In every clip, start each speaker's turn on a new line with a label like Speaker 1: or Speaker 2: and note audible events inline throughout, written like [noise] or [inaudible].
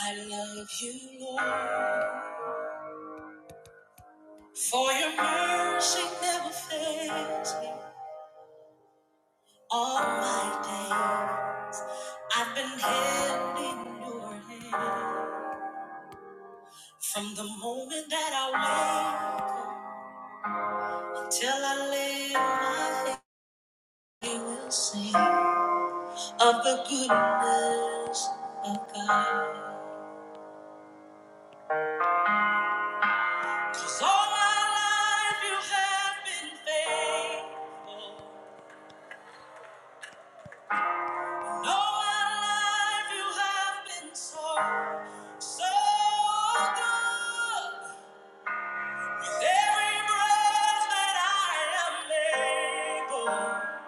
Speaker 1: I love you, Lord, for your mercy never fails me. All my days, I've been held in your hand. From the moment that I wake up till I lay my head, you will sing of the goodness of God. 'Cause all my life you have been faithful. No life you have been so, so good. With every breath that I am able,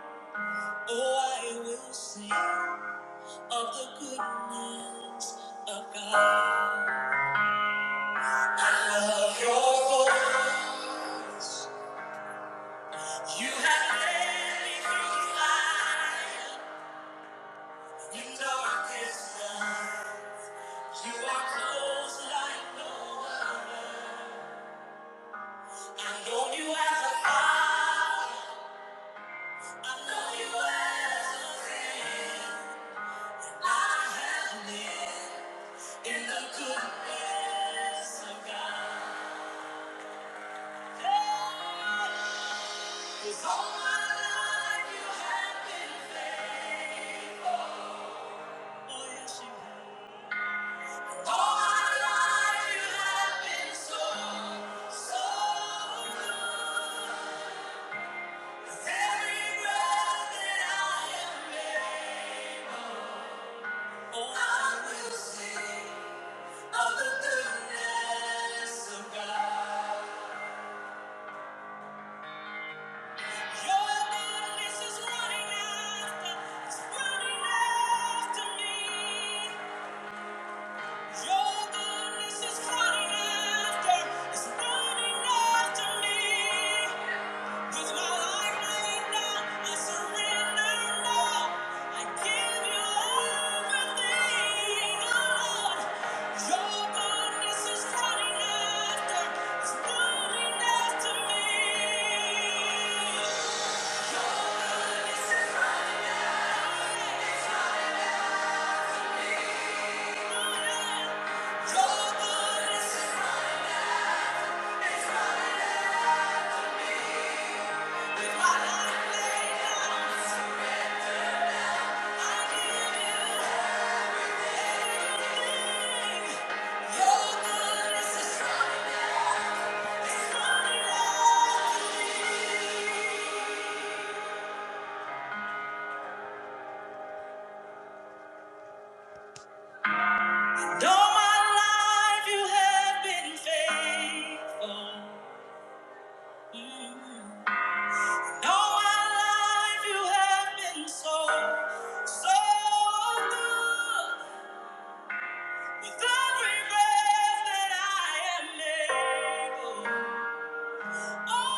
Speaker 1: oh, I will sing of the goodness of God. I love your voice. You have led me through fire in darkest night. You are close like no other. I know you as a father. I know you as a friend. I have lived in the goodness of God. Hey, 'cause all my life you have been faithful. Oh, yes, you have. All my life you have been so, so good. 'Cause every breath that I am able. I will sing of the goodness of God. Your goodness is running after, it's running after me. Your goodness is running after, me. Though my life you have been faithful. Mm. Though my life you have been so, so good. With every breath that I am able, Oh,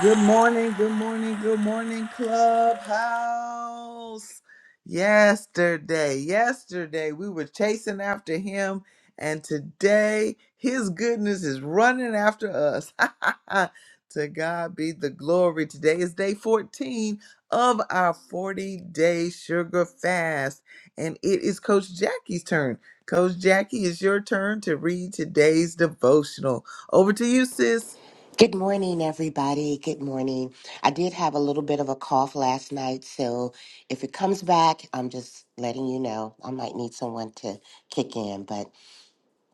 Speaker 1: Good morning, good morning, good morning, Clubhouse. Yesterday, yesterday, we were chasing after him, and today his goodness is running after us. [laughs] to God be the glory. Today is day 14 of our 40 day sugar fast, and it is Coach Jackie's turn. Coach Jackie, it's your turn to read today's devotional. Over to you, sis.
Speaker 2: Good morning, everybody. Good morning. I did have a little bit of a cough last night, so if it comes back, I'm just letting you know. I might need someone to kick in, but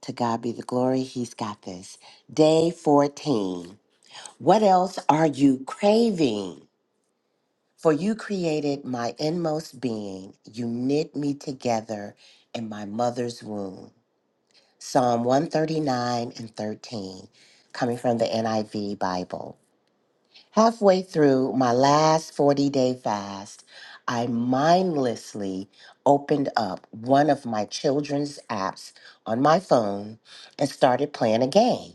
Speaker 2: to God be the glory, He's got this. Day 14. What else are you craving? For you created my inmost being, you knit me together in my mother's womb. Psalm 139 and 13, coming from the NIV Bible. Halfway through my last 40 day fast, I mindlessly opened up one of my children's apps on my phone and started playing a game.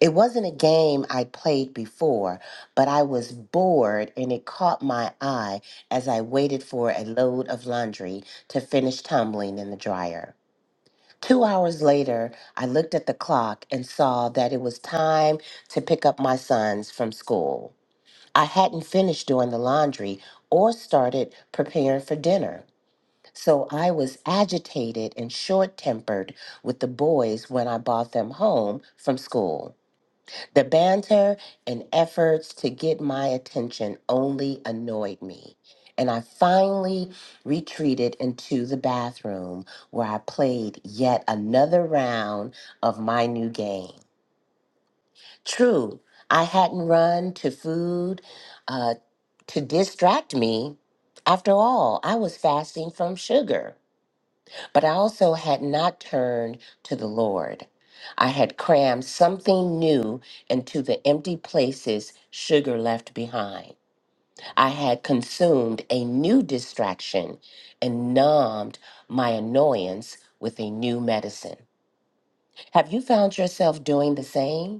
Speaker 2: It wasn't a game I'd played before, but I was bored and it caught my eye as I waited for a load of laundry to finish tumbling in the dryer. Two hours later, I looked at the clock and saw that it was time to pick up my sons from school. I hadn't finished doing the laundry or started preparing for dinner. So I was agitated and short tempered with the boys when I brought them home from school. The banter and efforts to get my attention only annoyed me. And I finally retreated into the bathroom where I played yet another round of my new game. True, I hadn't run to food uh, to distract me. After all, I was fasting from sugar, but I also had not turned to the Lord. I had crammed something new into the empty places sugar left behind. I had consumed a new distraction and numbed my annoyance with a new medicine. Have you found yourself doing the same?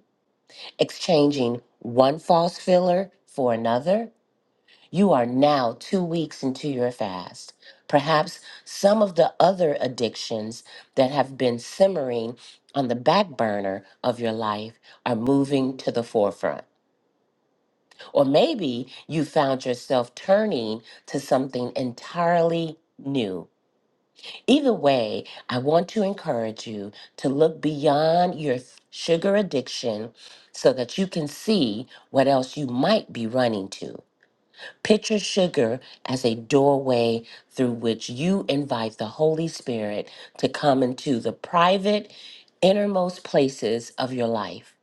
Speaker 2: exchanging one false filler for another, you are now two weeks into your fast. Perhaps some of the other addictions that have been simmering on the back burner of your life are moving to the forefront. Or maybe you found yourself turning to something entirely new. Either way, I want to encourage you to look beyond your sugar addiction so that you can see what else you might be running to. Picture sugar as a doorway through which you invite the Holy Spirit to come into the private, innermost places of your life.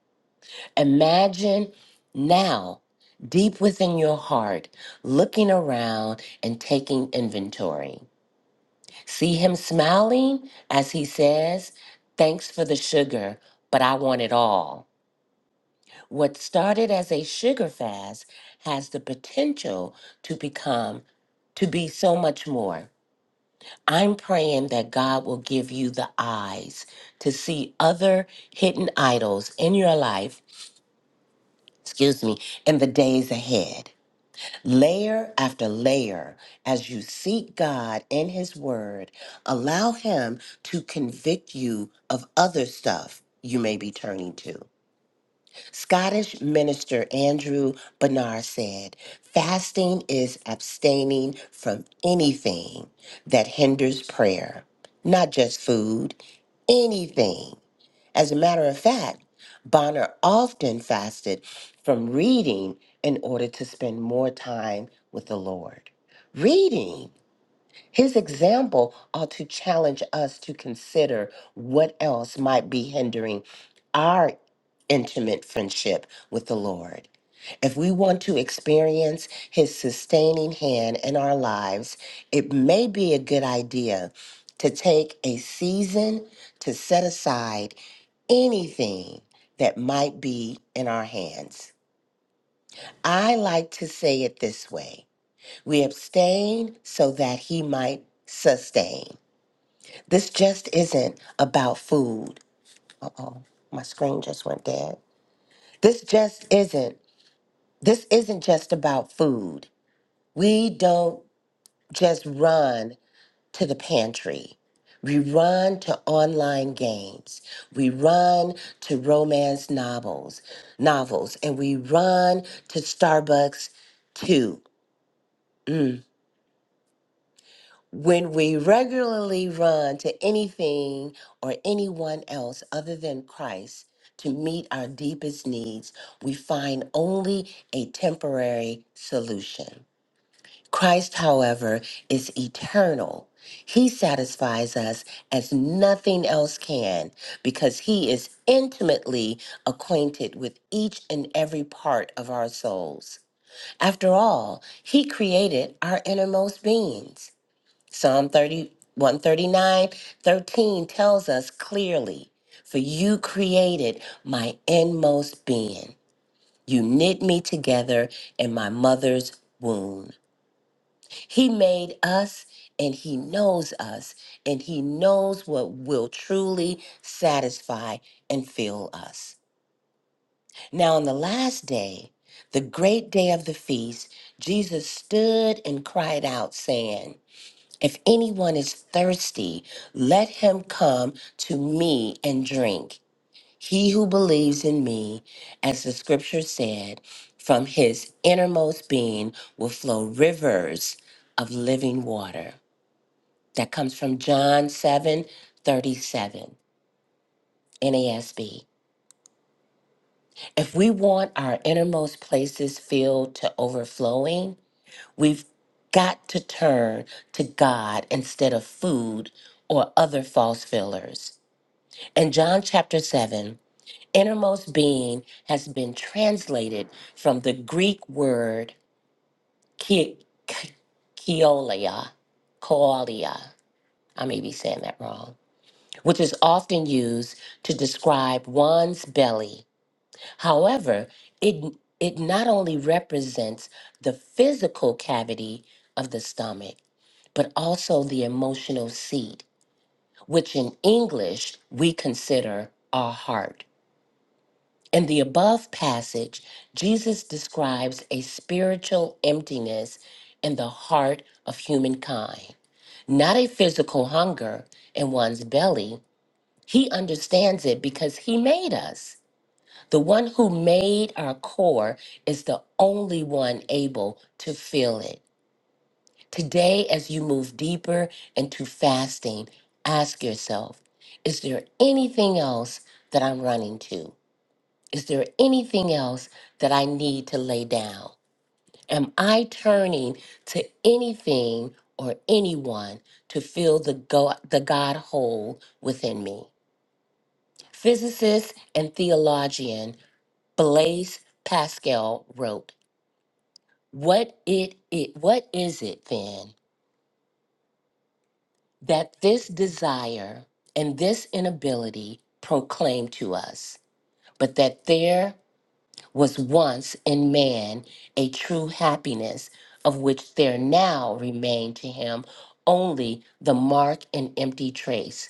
Speaker 2: Imagine now, deep within your heart, looking around and taking inventory. See him smiling as he says, Thanks for the sugar, but I want it all. What started as a sugar fast has the potential to become, to be so much more. I'm praying that God will give you the eyes to see other hidden idols in your life, excuse me, in the days ahead. layer after layer as you seek God in His Word. Allow Him to convict you of other stuff you may be turning to. Scottish minister Andrew Bernard said, Fasting is abstaining from anything that hinders prayer, not just food, anything. As a matter of fact, Bonner often fasted from reading in order to spend more time with the Lord. Reading. His example ought to challenge us to consider what else might be hindering our intimate friendship with the Lord. If we want to experience His sustaining hand in our lives, it may be a good idea to take a season to set aside anything that might be in our hands. I like to say it this way we abstain so that He might sustain. This just isn't about food. Uh oh, my screen just went dead. This just isn't. This isn't just about food. We don't just run to the pantry. We run to online games. We run to romance novels, novels, and we run to Starbucks too. Mm. when we regularly run to anything or anyone else other than Christ to meet our deepest needs, we find only a temporary solution. Christ, however, is eternal. He satisfies us as nothing else can because he is intimately acquainted with each and every part of our souls. After all, he created our innermost beings. Psalm thirty one, thirty nine, thirteen tells us clearly, for you created my inmost being. You knit me together in my mother's womb. He made us and he knows us and he knows what will truly satisfy and fill us. Now, on the last day, the great day of the feast, Jesus stood and cried out, saying, if anyone is thirsty, let him come to me and drink. He who believes in me, as the scripture said, from his innermost being will flow rivers of living water. That comes from John 7 37 NASB. If we want our innermost places filled to overflowing, we've got to turn to God instead of food or other false fillers. In John chapter 7, innermost being has been translated from the Greek word ki- ki- koilia, koalia. I may be saying that wrong, which is often used to describe one's belly. However, it, it not only represents the physical cavity of the stomach, but also the emotional seat, which in English we consider our heart. In the above passage, Jesus describes a spiritual emptiness in the heart of humankind, not a physical hunger in one's belly. He understands it because he made us. The one who made our core is the only one able to fill it. Today, as you move deeper into fasting, ask yourself Is there anything else that I'm running to? Is there anything else that I need to lay down? Am I turning to anything or anyone to fill the, go- the God hole within me? Physicist and theologian Blaise Pascal wrote, what, it, it, what is it then that this desire and this inability proclaim to us, but that there was once in man a true happiness, of which there now remained to him only the mark and empty trace,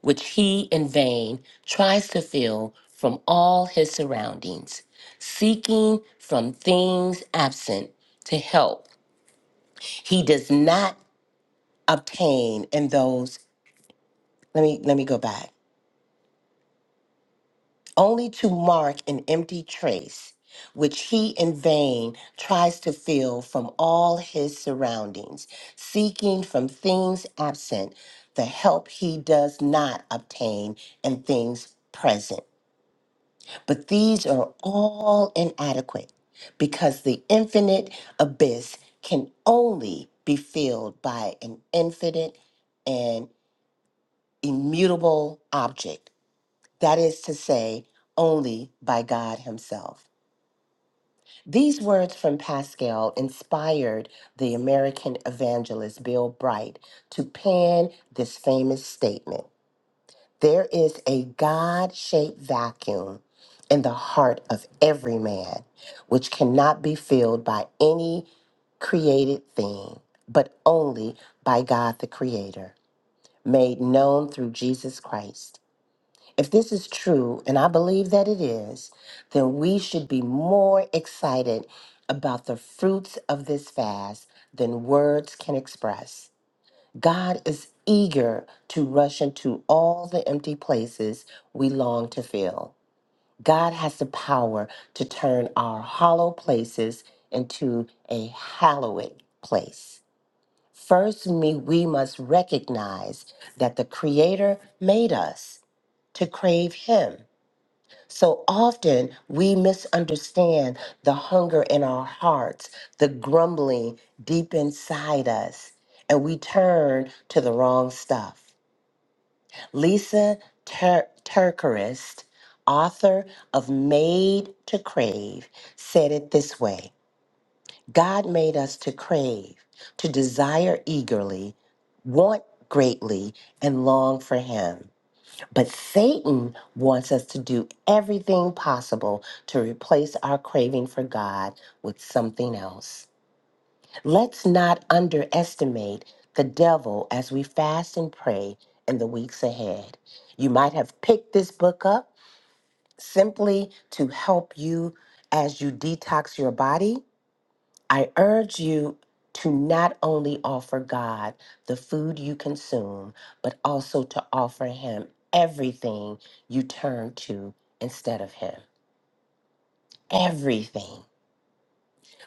Speaker 2: which he in vain tries to fill from all his surroundings, seeking from things absent to help. He does not obtain in those. Let me let me go back. only to mark an empty trace which he in vain tries to fill from all his surroundings, seeking from things absent the help he does not obtain in things present. But these are all inadequate because the infinite abyss can only be filled by an infinite and immutable object that is to say, only by God Himself. These words from Pascal inspired the American evangelist Bill Bright to pen this famous statement There is a God shaped vacuum in the heart of every man, which cannot be filled by any created thing, but only by God the Creator, made known through Jesus Christ. If this is true, and I believe that it is, then we should be more excited about the fruits of this fast than words can express. God is eager to rush into all the empty places we long to fill. God has the power to turn our hollow places into a hallowed place. First, me, we must recognize that the Creator made us to crave Him so often we misunderstand the hunger in our hearts, the grumbling deep inside us, and we turn to the wrong stuff. Lisa Tur- Turkerist, author of Made to Crave, said it this way God made us to crave, to desire eagerly, want greatly, and long for Him. But Satan wants us to do everything possible to replace our craving for God with something else. Let's not underestimate the devil as we fast and pray in the weeks ahead. You might have picked this book up simply to help you as you detox your body I urge you to not only offer God the food you consume, but also to offer Him everything you turn to instead of Him. Everything.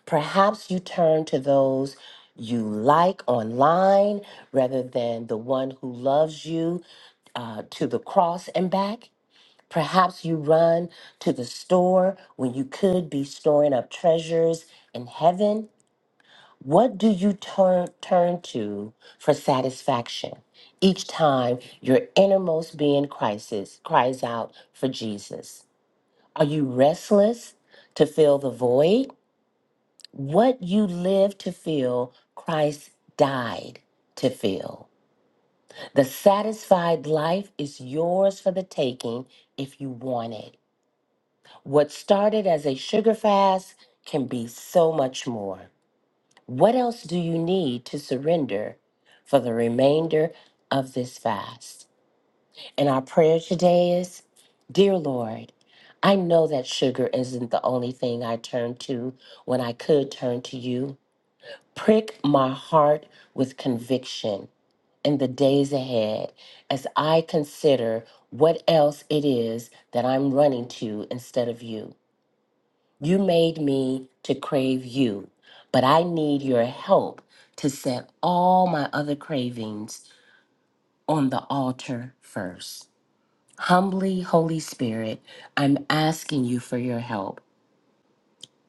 Speaker 2: Perhaps you turn to those you like online rather than the one who loves you uh, to the cross and back. Perhaps you run to the store when you could be storing up treasures in heaven. What do you turn turn to for satisfaction each time your innermost being crisis cries out for Jesus? Are you restless to fill the void? What you live to fill, Christ died to fill. The satisfied life is yours for the taking if you want it. What started as a sugar fast can be so much more. What else do you need to surrender for the remainder of this fast? And our prayer today is Dear Lord, I know that sugar isn't the only thing I turn to when I could turn to you. Prick my heart with conviction in the days ahead as I consider what else it is that I'm running to instead of you. You made me to crave you, but I need your help to set all my other cravings on the altar first. Humbly, Holy Spirit, I'm asking you for your help.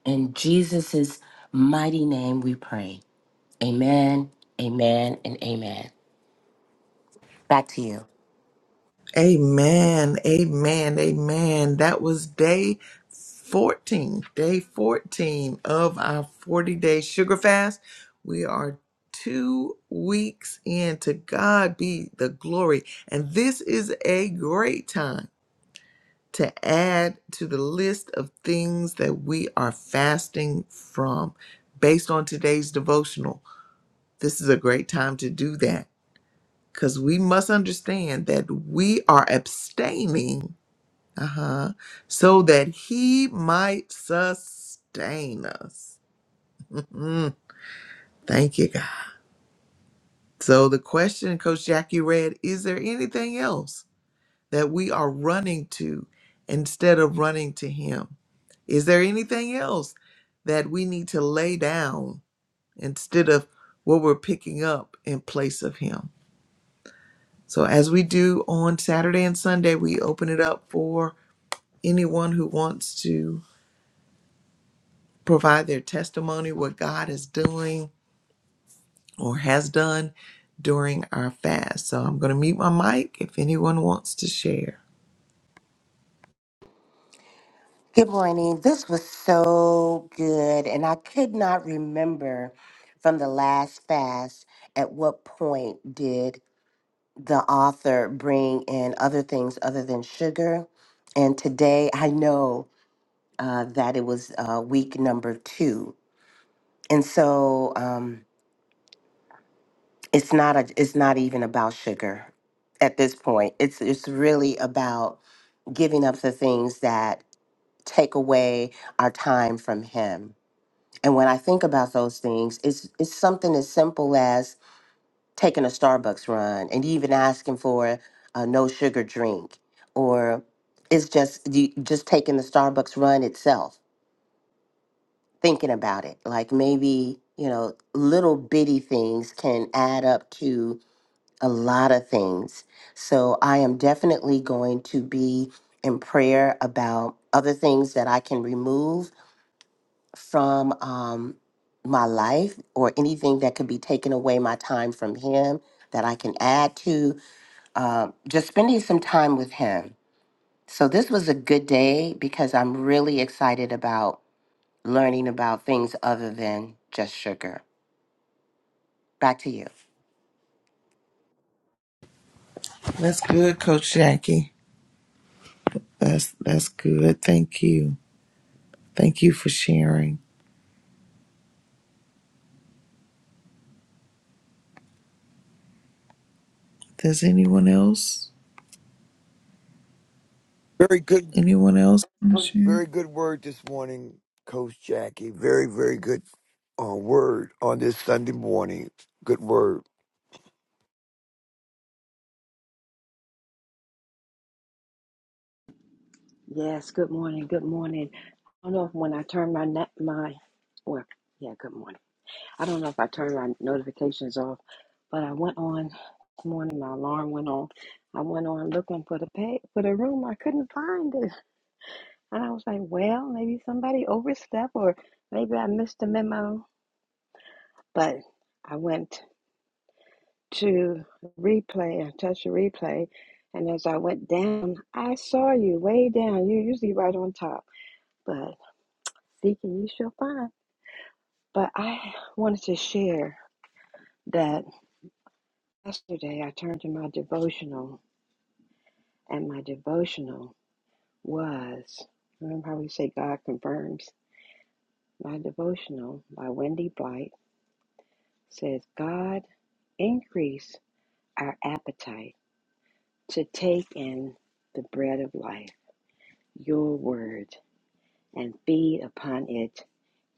Speaker 2: In Jesus' mighty name we pray. Amen, amen, and amen. Back to you.
Speaker 1: Amen. Amen. Amen. That was day 14, day 14 of our 40 day sugar fast. We are two weeks in. To God be the glory. And this is a great time to add to the list of things that we are fasting from based on today's devotional. This is a great time to do that because we must understand that we are abstaining uh huh. So that he might sustain us. Mhm. Thank you, God. So the question, Coach Jackie read, is there anything else that we are running to instead of running to him? Is there anything else that we need to lay down instead of what we're picking up in place of him? So as we do on Saturday and Sunday, we open it up for anyone who wants to provide their testimony, what God is doing or has done during our fast. So I'm going to mute my mic if anyone wants to share.
Speaker 2: Good morning. This was so good, and I could not remember from the last fast at what point did the author bring in other things other than sugar. And today I know uh, that it was uh, week number two. And so um, it's not a, it's not even about sugar at this point. It's it's really about giving up the things that take away our time from him. And when I think about those things, it's it's something as simple as taking a Starbucks run and even asking for a no sugar drink or it's just you just taking the Starbucks run itself thinking about it like maybe you know little bitty things can add up to a lot of things so I am definitely going to be in prayer about other things that I can remove from um my life or anything that could be taken away my time from him that I can add to uh, just spending some time with him. So this was a good day because I'm really excited about learning about things other than just sugar. Back to you.
Speaker 1: That's good, Coach Jackie. That's that's good. Thank you. Thank you for sharing. Does anyone else?
Speaker 3: Very good,
Speaker 1: Anyone else want to share?
Speaker 3: very good word this morning, Coach Jackie. Very, very good uh, word on this Sunday morning. Good word.
Speaker 4: Yes, good morning. Good morning. I don't know if when I turn my net my well, yeah, good morning. I don't know if I turned my notifications off, but I went on this morning, my alarm went on. I went on looking for the pay for the room. I couldn't find it. And I was like, well, maybe somebody overstepped or maybe I missed a memo. But I went to replay and touched the replay and as I went down, I saw you way down. You're usually right on top. but. Seek and you shall find. But I wanted to share that yesterday I turned to my devotional, and my devotional was remember how we say God confirms? My devotional by Wendy Blight says, God increase our appetite to take in the bread of life, your word, and feed upon it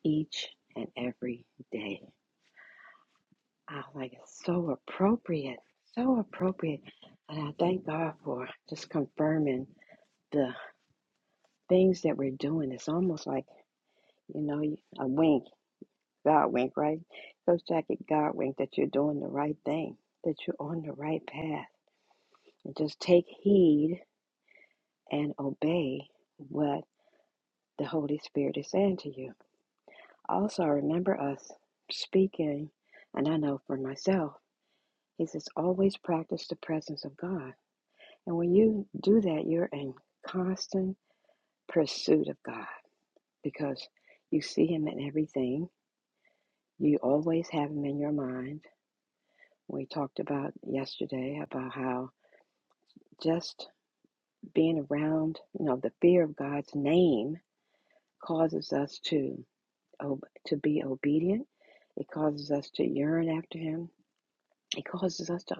Speaker 4: each and every day. I'm like, it's so appropriate, so appropriate. And I thank God for just confirming the things that we're doing. It's almost like, you know, a wink, God wink, right? Coach Jackie, God wink that you're doing the right thing, that you're on the right path. And just take heed and obey what the Holy Spirit is saying to you. Also, remember us speaking, and I know for myself, he says, always practice the presence of God And when you do that, you're in constant pursuit of God because you see Him in everything. You always have Him in your mind. We talked about yesterday about how just being around, you know, the fear of God's name causes us to ob- to be obedient. It causes us to yearn after Him. It causes us to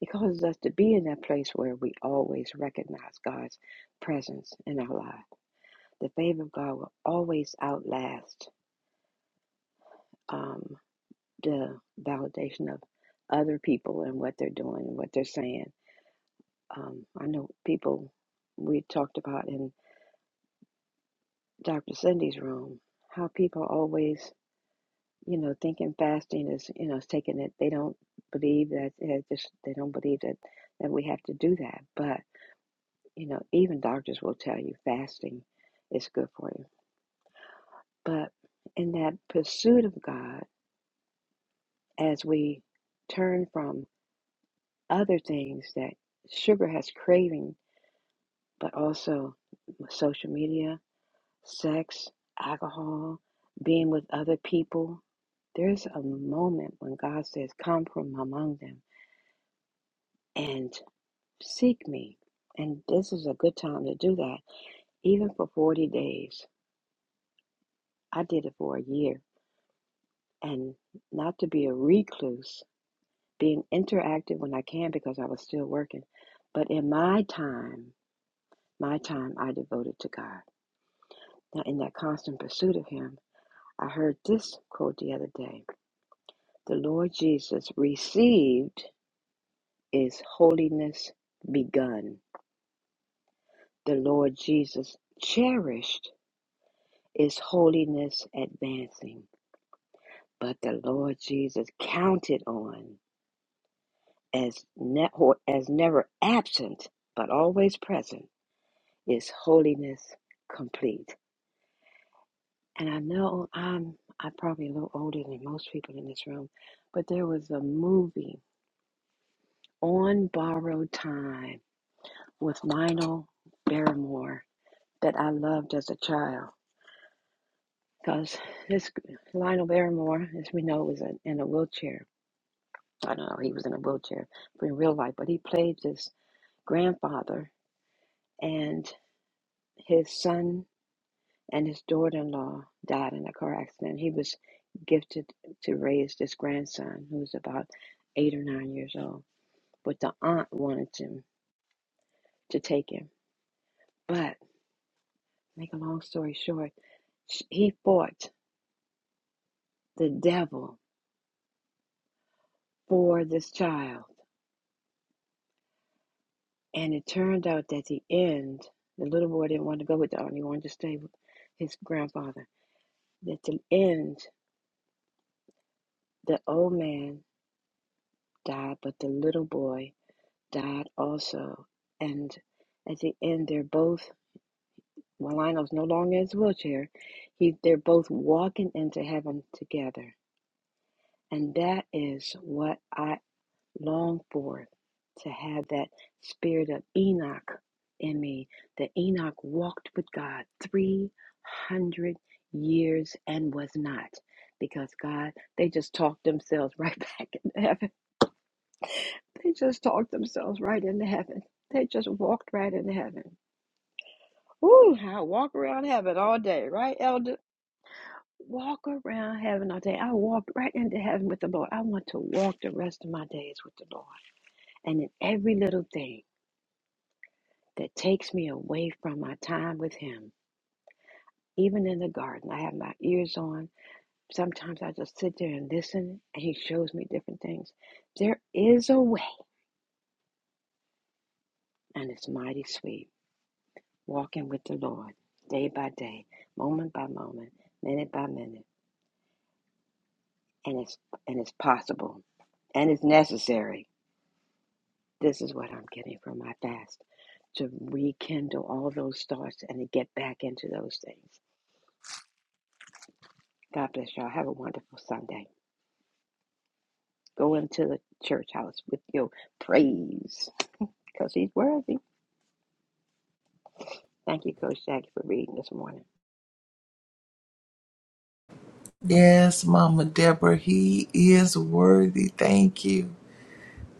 Speaker 4: it causes us to be in that place where we always recognize God's presence in our lives. The favor of God will always outlast um, the validation of other people and what they're doing and what they're saying. Um, I know people we talked about in Dr. Cindy's room how people always, you know, thinking fasting is, you know, is taking it. They don't believe that it just they don't believe that that we have to do that. But you know, even doctors will tell you fasting is good for you. But in that pursuit of God as we turn from other things that sugar has craving, but also social media, sex, alcohol, being with other people. There's a moment when God says, Come from among them and seek me. And this is a good time to do that, even for 40 days. I did it for a year. And not to be a recluse, being interactive when I can because I was still working. But in my time, My time I devoted to God. Now, in that constant pursuit of Him, I heard this quote the other day The Lord Jesus received is holiness begun. The Lord Jesus cherished is holiness advancing. But the Lord Jesus counted on as, ne- or as never absent, but always present, is holiness complete. And I know I'm I'm probably a little older than most people in this room, but there was a movie on borrowed time with Lionel Barrymore that I loved as a child. Because this Lionel Barrymore, as we know, was in in a wheelchair. I don't know, he was in a wheelchair but in real life, but he played this grandfather and his son and his daughter-in-law died in a car accident. He was gifted to raise this grandson who was about eight or nine years old, but the aunt wanted him to take him. But make a long story short, he fought the devil for this child, and it turned out that at the end, the little boy didn't want to go with the aunt; he wanted to stay with his grandfather. At the end, the old man died, but the little boy died also. And at the end, they're both, well, Lionel's no longer in his wheelchair. He, they're both walking into heaven together. And that is what I long for to have that spirit of Enoch in me. That Enoch walked with God 300 years and was not. Because God, they just talked themselves [laughs] right back into heaven. They just talked themselves right into heaven. They just walked right into heaven. Ooh, I walk around heaven all day, right, Elder? Walk around heaven all day. I walked right into heaven with the Lord. I want to walk the rest of my days with the Lord. And in every little thing that takes me away from my time with Him, even in the garden, I have my ears on. Sometimes I just sit there and listen, and He shows me different things. There is a way, and it's mighty sweet walking with the Lord day by day, moment by moment, minute by minute, and it's and it's possible. and it's necessary. This is what I'm getting from my fast to rekindle all those thoughts and to get back into those things. God bless y'all. Have a wonderful Sunday. Go into the church house with your praise because he's worthy. Thank you, Coach Jackie, for reading this morning.
Speaker 1: Yes, Mama Deborah, he is worthy. Thank you.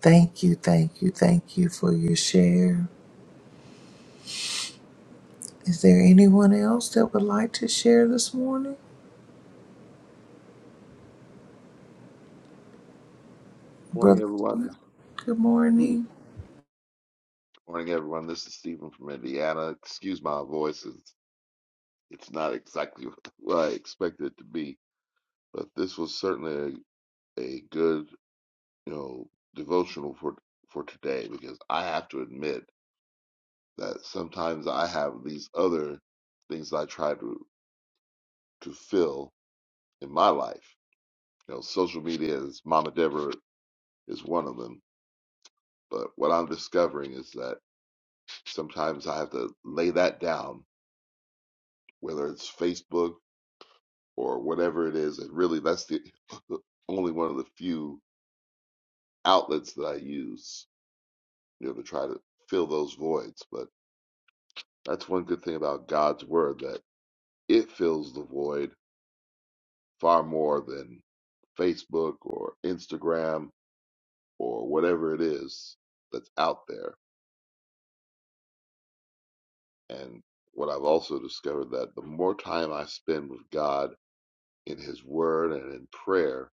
Speaker 1: Thank you, thank you, thank you for your share. Is there anyone else that would like to share this morning?
Speaker 5: Morning,
Speaker 1: Brother
Speaker 5: everyone.
Speaker 1: Stephen,
Speaker 5: This-
Speaker 1: good
Speaker 5: [clears throat]
Speaker 1: morning.
Speaker 5: Morning, everyone. This is Stephen from Indiana. Excuse my voice; it's, it's not exactly [laughs] what I expected it to be, but this was certainly a, a good, you know, devotional for for today because I have to admit that sometimes I have these other things I try to to fill in my life. You know, social media is Mama Deborah is one of them, but what I'm discovering is that sometimes I have to lay that down whether it's Facebook or whatever it is. And really, that's the [laughs] only one of the few outlets that I use, you know, to try to fill those voids. But that's one good thing about God's word that it fills the void far more than Facebook or Instagram or whatever it is that's out there. And what I've also discovered that the more time I spend with God in His Word and in prayer,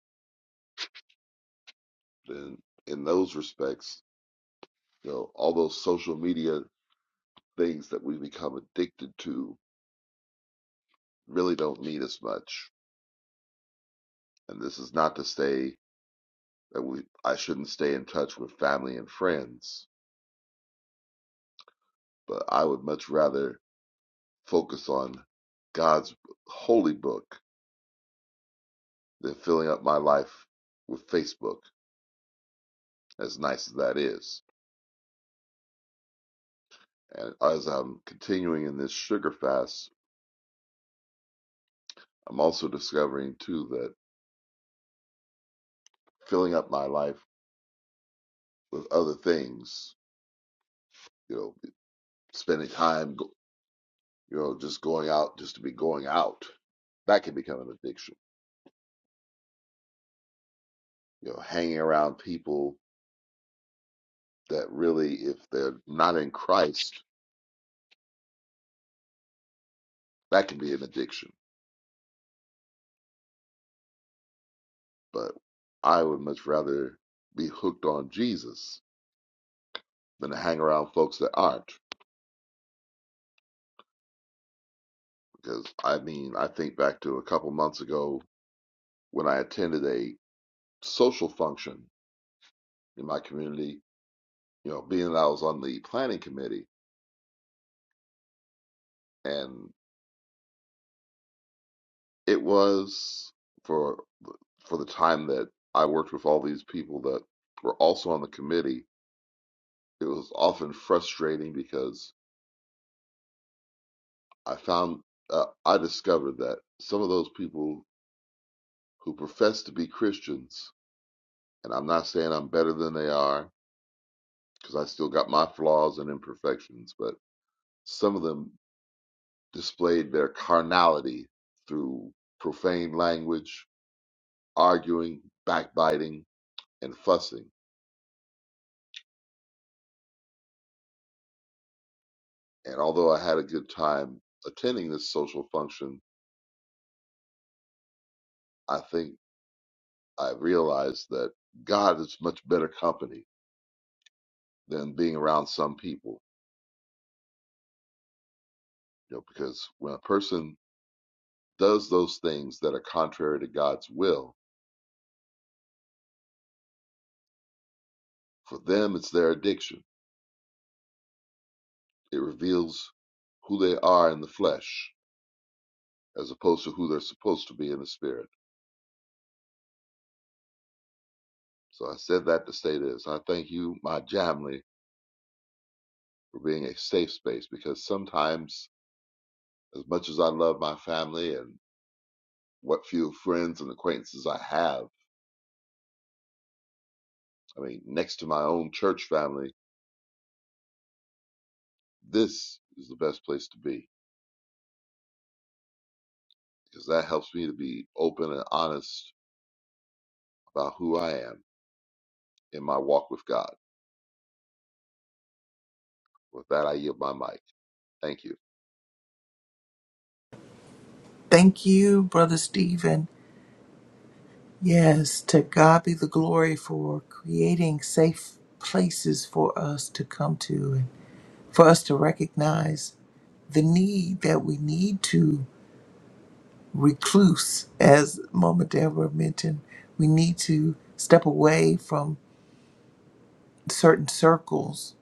Speaker 5: then in those respects, you know, all those social media things that we become addicted to really don't mean as much. And this is not to say that we I shouldn't stay in touch with family and friends, but I would much rather focus on God's holy book than filling up my life with Facebook, as nice as that is. And as I'm continuing in this sugar fast, I'm also discovering too that filling up my life with other things, you know, spending time You know, just going out just to be going out, that can become an addiction. You know, hanging around people that really, if they're not in Christ, that can be an addiction. But I would much rather be hooked on Jesus than to hang around folks that aren't. Because I mean, I think back to a couple months ago when I attended a social function in my community, you know, being that I was on the planning committee, and it was. for for the time that I worked with all these people that were also on the committee, it was often frustrating because I found uh, I discovered that some of those people who profess to be Christians, and I'm not saying I'm better than they are because I still got my flaws and imperfections, but some of them displayed their carnality through profane language, arguing, backbiting, and fussing. And although I had a good time attending this social function, I think I realized that God is much better company than being around some people. You know, because when a person does those things that are contrary to God's will, for them it's their addiction. It reveals who they are in the flesh as opposed to who they're supposed to be in the spirit. So I said that to say this. I thank you, my Jamley, for being a safe space because sometimes as much as I love my family and what few friends and acquaintances I have, I mean, next to my own church family, this is the best place to be because that helps me to be open and honest about who I am in my walk with God. With that, I yield my mic. Thank you.
Speaker 1: Thank you, Brother Stephen. Yes, to God be the glory for creating safe places for us to come to and for us to recognize the need that we need to recluse, as Mama Deborah mentioned. We need to step away from certain circles.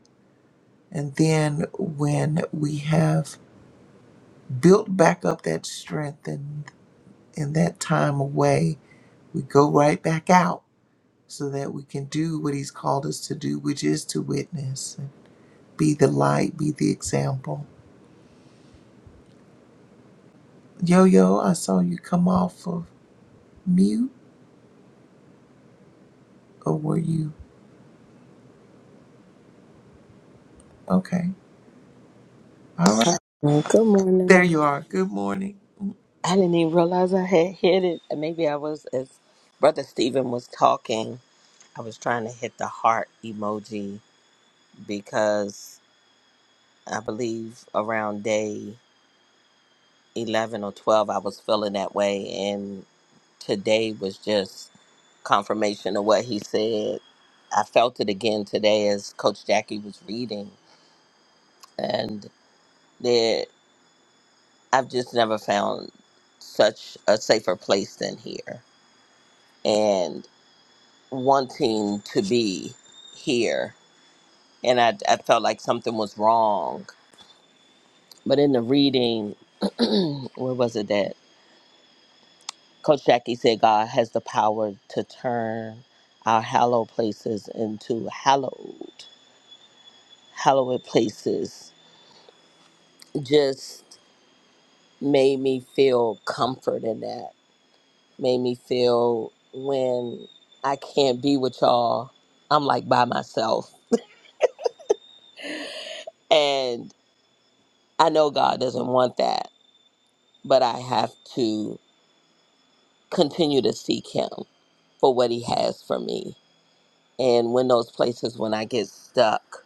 Speaker 1: And then when we have built back up that strength and, and that time away, we go right back out so that we can do what he's called us to do, which is to witness, and be the light, be the example. Yo, yo, I saw you come off of mute, or were you? Okay. All right.
Speaker 6: Well, good
Speaker 1: There
Speaker 6: morning.
Speaker 1: you are. Good morning.
Speaker 6: I didn't even realize I had hit it. Maybe I was, as Brother Stephen was talking, I was trying to hit the heart emoji because I believe around day 11 or 12, I was feeling that way. And today was just confirmation of what he said. I felt it again today as Coach Jackie was reading. And there, I've just never found such a safer place than here. And wanting to be here and I, I felt like something was wrong but in the reading [clears throat] where was it that coach jackie said god has the power to turn our hallowed places into hallowed hallowed places just made me feel comfort in that made me feel when i can't be with y'all i'm like by myself and i know god doesn't want that but I have to continue to seek Him for what He has for me. And when those places, when I get stuck,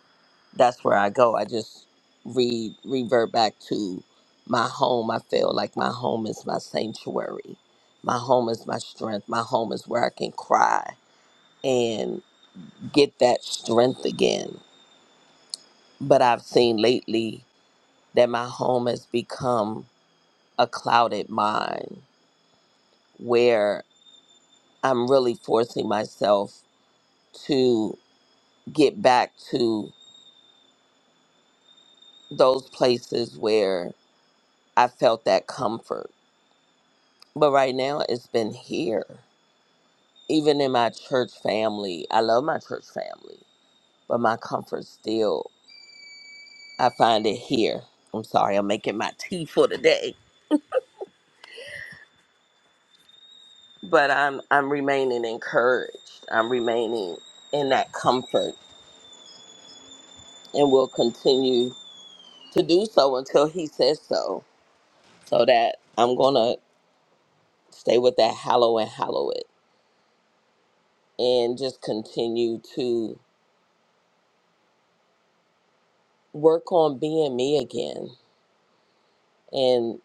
Speaker 6: that's where I go. I just re revert back to my home. I feel like my home is my sanctuary. My home is my strength. My home is where I can cry and get that strength again. But I've seen lately that my home has become a clouded mind where I'm really forcing myself to get back to those places where I felt that comfort. But right now, it's been here. Even in my church family, I love my church family, but my comfort still, I find it here. I'm sorry, I'm making my [laughs] tea for the day, but I'm I'm remaining encouraged. I'm remaining in that comfort, and will continue to do so until He says so. So that I'm gonna stay with that hallow and hallow it and just continue to work on being me again and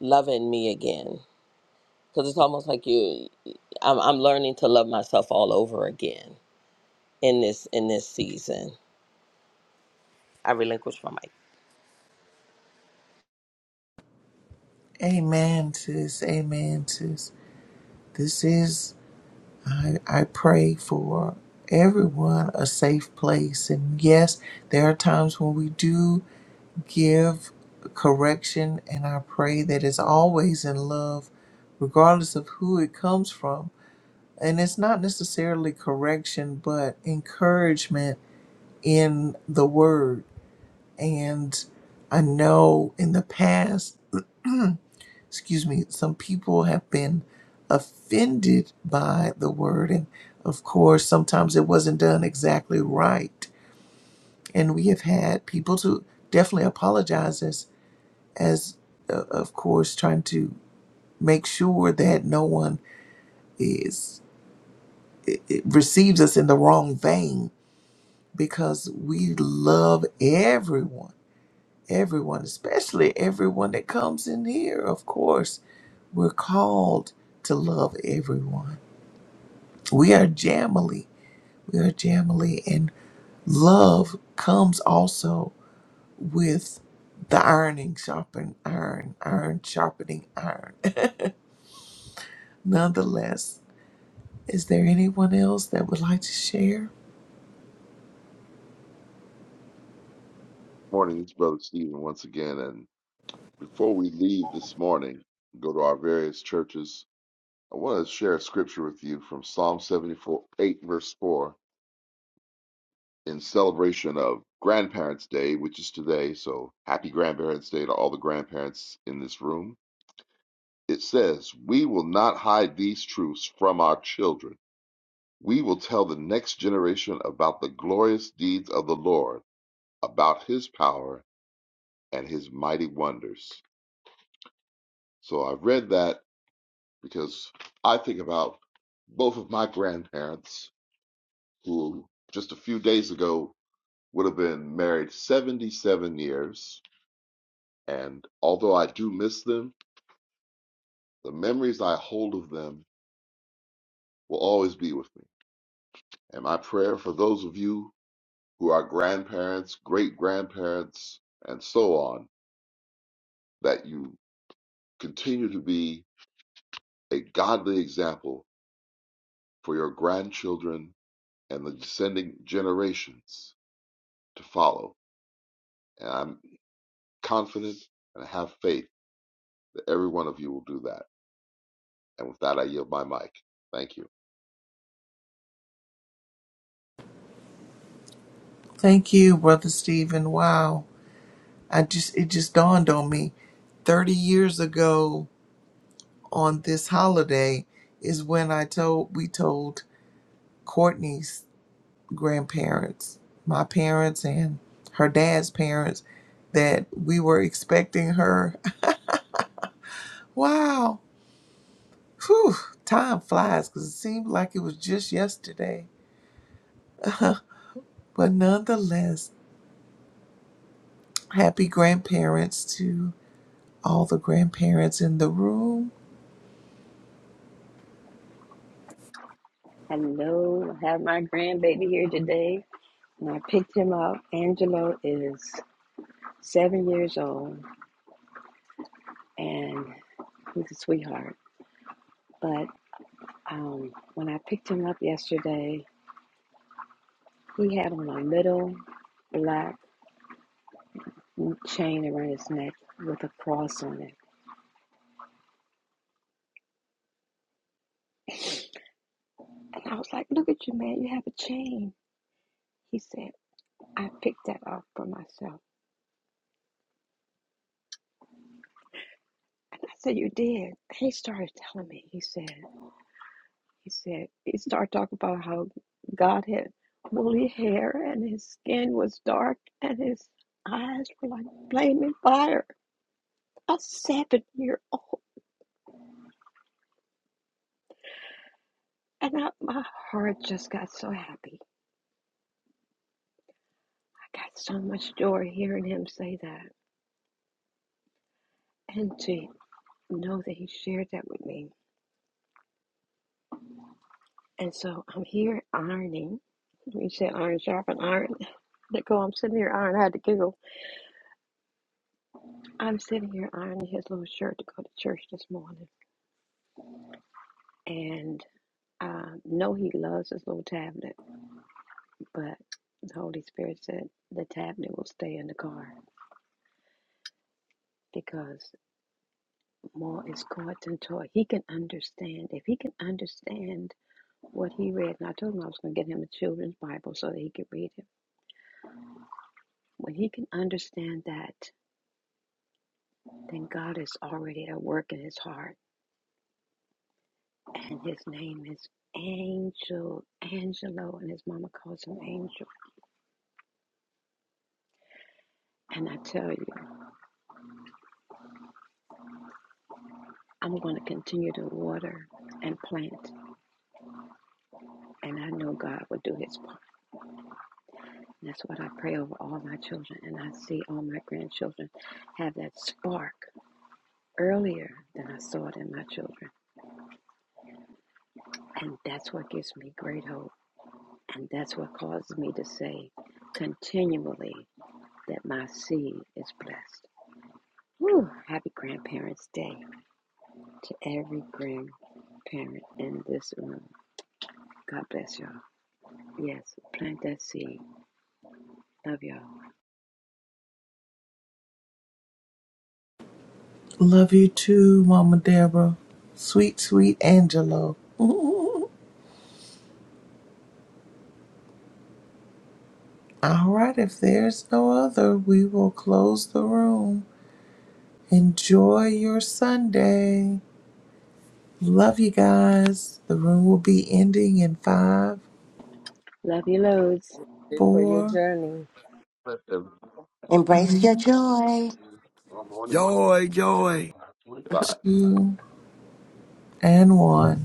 Speaker 6: loving me again because it's almost like you I'm, I'm learning to love myself all over again in this in this season i relinquish my mic
Speaker 1: Amen, sis. Amen, sis. This is, I, I pray for everyone a safe place. And yes, there are times when we do give correction, and I pray that it's always in love, regardless of who it comes from. And it's not necessarily correction, but encouragement in the word. And I know in the past, [clears throat] excuse me, some people have been offended by the word. And of course, sometimes it wasn't done exactly right. And we have had people to definitely apologize as uh, of course trying to make sure that no one is it receives us in the wrong vein because we love everyone everyone especially everyone that comes in here of course we're called to love everyone we are jamily we are jamily and love comes also with the ironing sharpen iron iron sharpening iron [laughs] nonetheless Is there anyone else that would like to share?
Speaker 5: Morning, it's Brother Stephen once again. And before we leave this morning, go to our various churches, I want to share a scripture with you from Psalm 74, 8, verse 4, in celebration of Grandparents' Day, which is today. So happy Grandparents' Day to all the grandparents in this room. It says, We will not hide these truths from our children. We will tell the next generation about the glorious deeds of the Lord, about his power and his mighty wonders. So I read that because I think about both of my grandparents who just a few days ago would have been married 77 years. And although I do miss them, the memories I hold of them will always be with me. And my prayer for those of you who are grandparents, great grandparents, and so on, that you continue to be a godly example for your grandchildren and the descending generations to follow. And I'm confident and I have faith that every one of you will do that. And with that, I yield my mic. Thank you.
Speaker 1: Thank you, Brother Stephen. Wow. I just it just dawned on me. Thirty years ago on this holiday is when I told we told Courtney's grandparents, my parents and her dad's parents, that we were expecting her. [laughs] Wow. Whew, time flies because it seemed like it was just yesterday. But nonetheless, happy grandparents to all the grandparents in the room.
Speaker 4: Hello, I have my grandbaby here today, and I picked him up. Angelo is seven years old, and he's a sweetheart. But um, when I picked him up yesterday, He had on a little black chain around his neck with a cross on it. And I was like, Look at you, man, you have a chain. He said, I picked that up for myself. And I said, You did. He started telling me, he said, he said, he started talking about how God had woolly hair and his skin was dark and his eyes were like flaming fire. A seven year old. And I, my heart just got so happy. Got so much joy hearing him say that and to know that he shared that with me. And so I'm here ironing. You said iron sharpen iron. [laughs] Let go! I'm sitting here ironing. I had to giggle. I'm sitting here ironing his little shirt to go to church this morning. And I know he loves his little tablet, but the Holy Spirit said the tablet will stay in the car because more is caught into toy. He can understand. If he can understand what he read, and I told him I was going to get him a children's Bible so that he could read it. When he can understand that, then God is already at work in his heart, and his name is Angel, Angelo, and his mama calls him Angel. And I tell you, I'm going to continue to water and plant, and I know God will do his part. And That's what I pray over all my children, and I see all my grandchildren have that spark earlier than I saw it in my children. And that's what gives me great hope And that's what causes me to say continually that my seed is blessed. Whew, happy Grandparents' Day to every grandparent in this room. God bless y'all. Yes, plant that seed. Love y'all.
Speaker 1: Love you too, Mama Deborah. Sweet, sweet Angelo. [laughs] all right, if there's no other, we will close the room. Enjoy your Sunday. Love you guys. The room will be ending in five,
Speaker 4: Love you loads.
Speaker 6: for your
Speaker 1: four,
Speaker 6: journey
Speaker 5: Good
Speaker 2: Embrace your joy.
Speaker 5: morning.
Speaker 3: Joy, joy.
Speaker 5: 25.
Speaker 1: two, and one.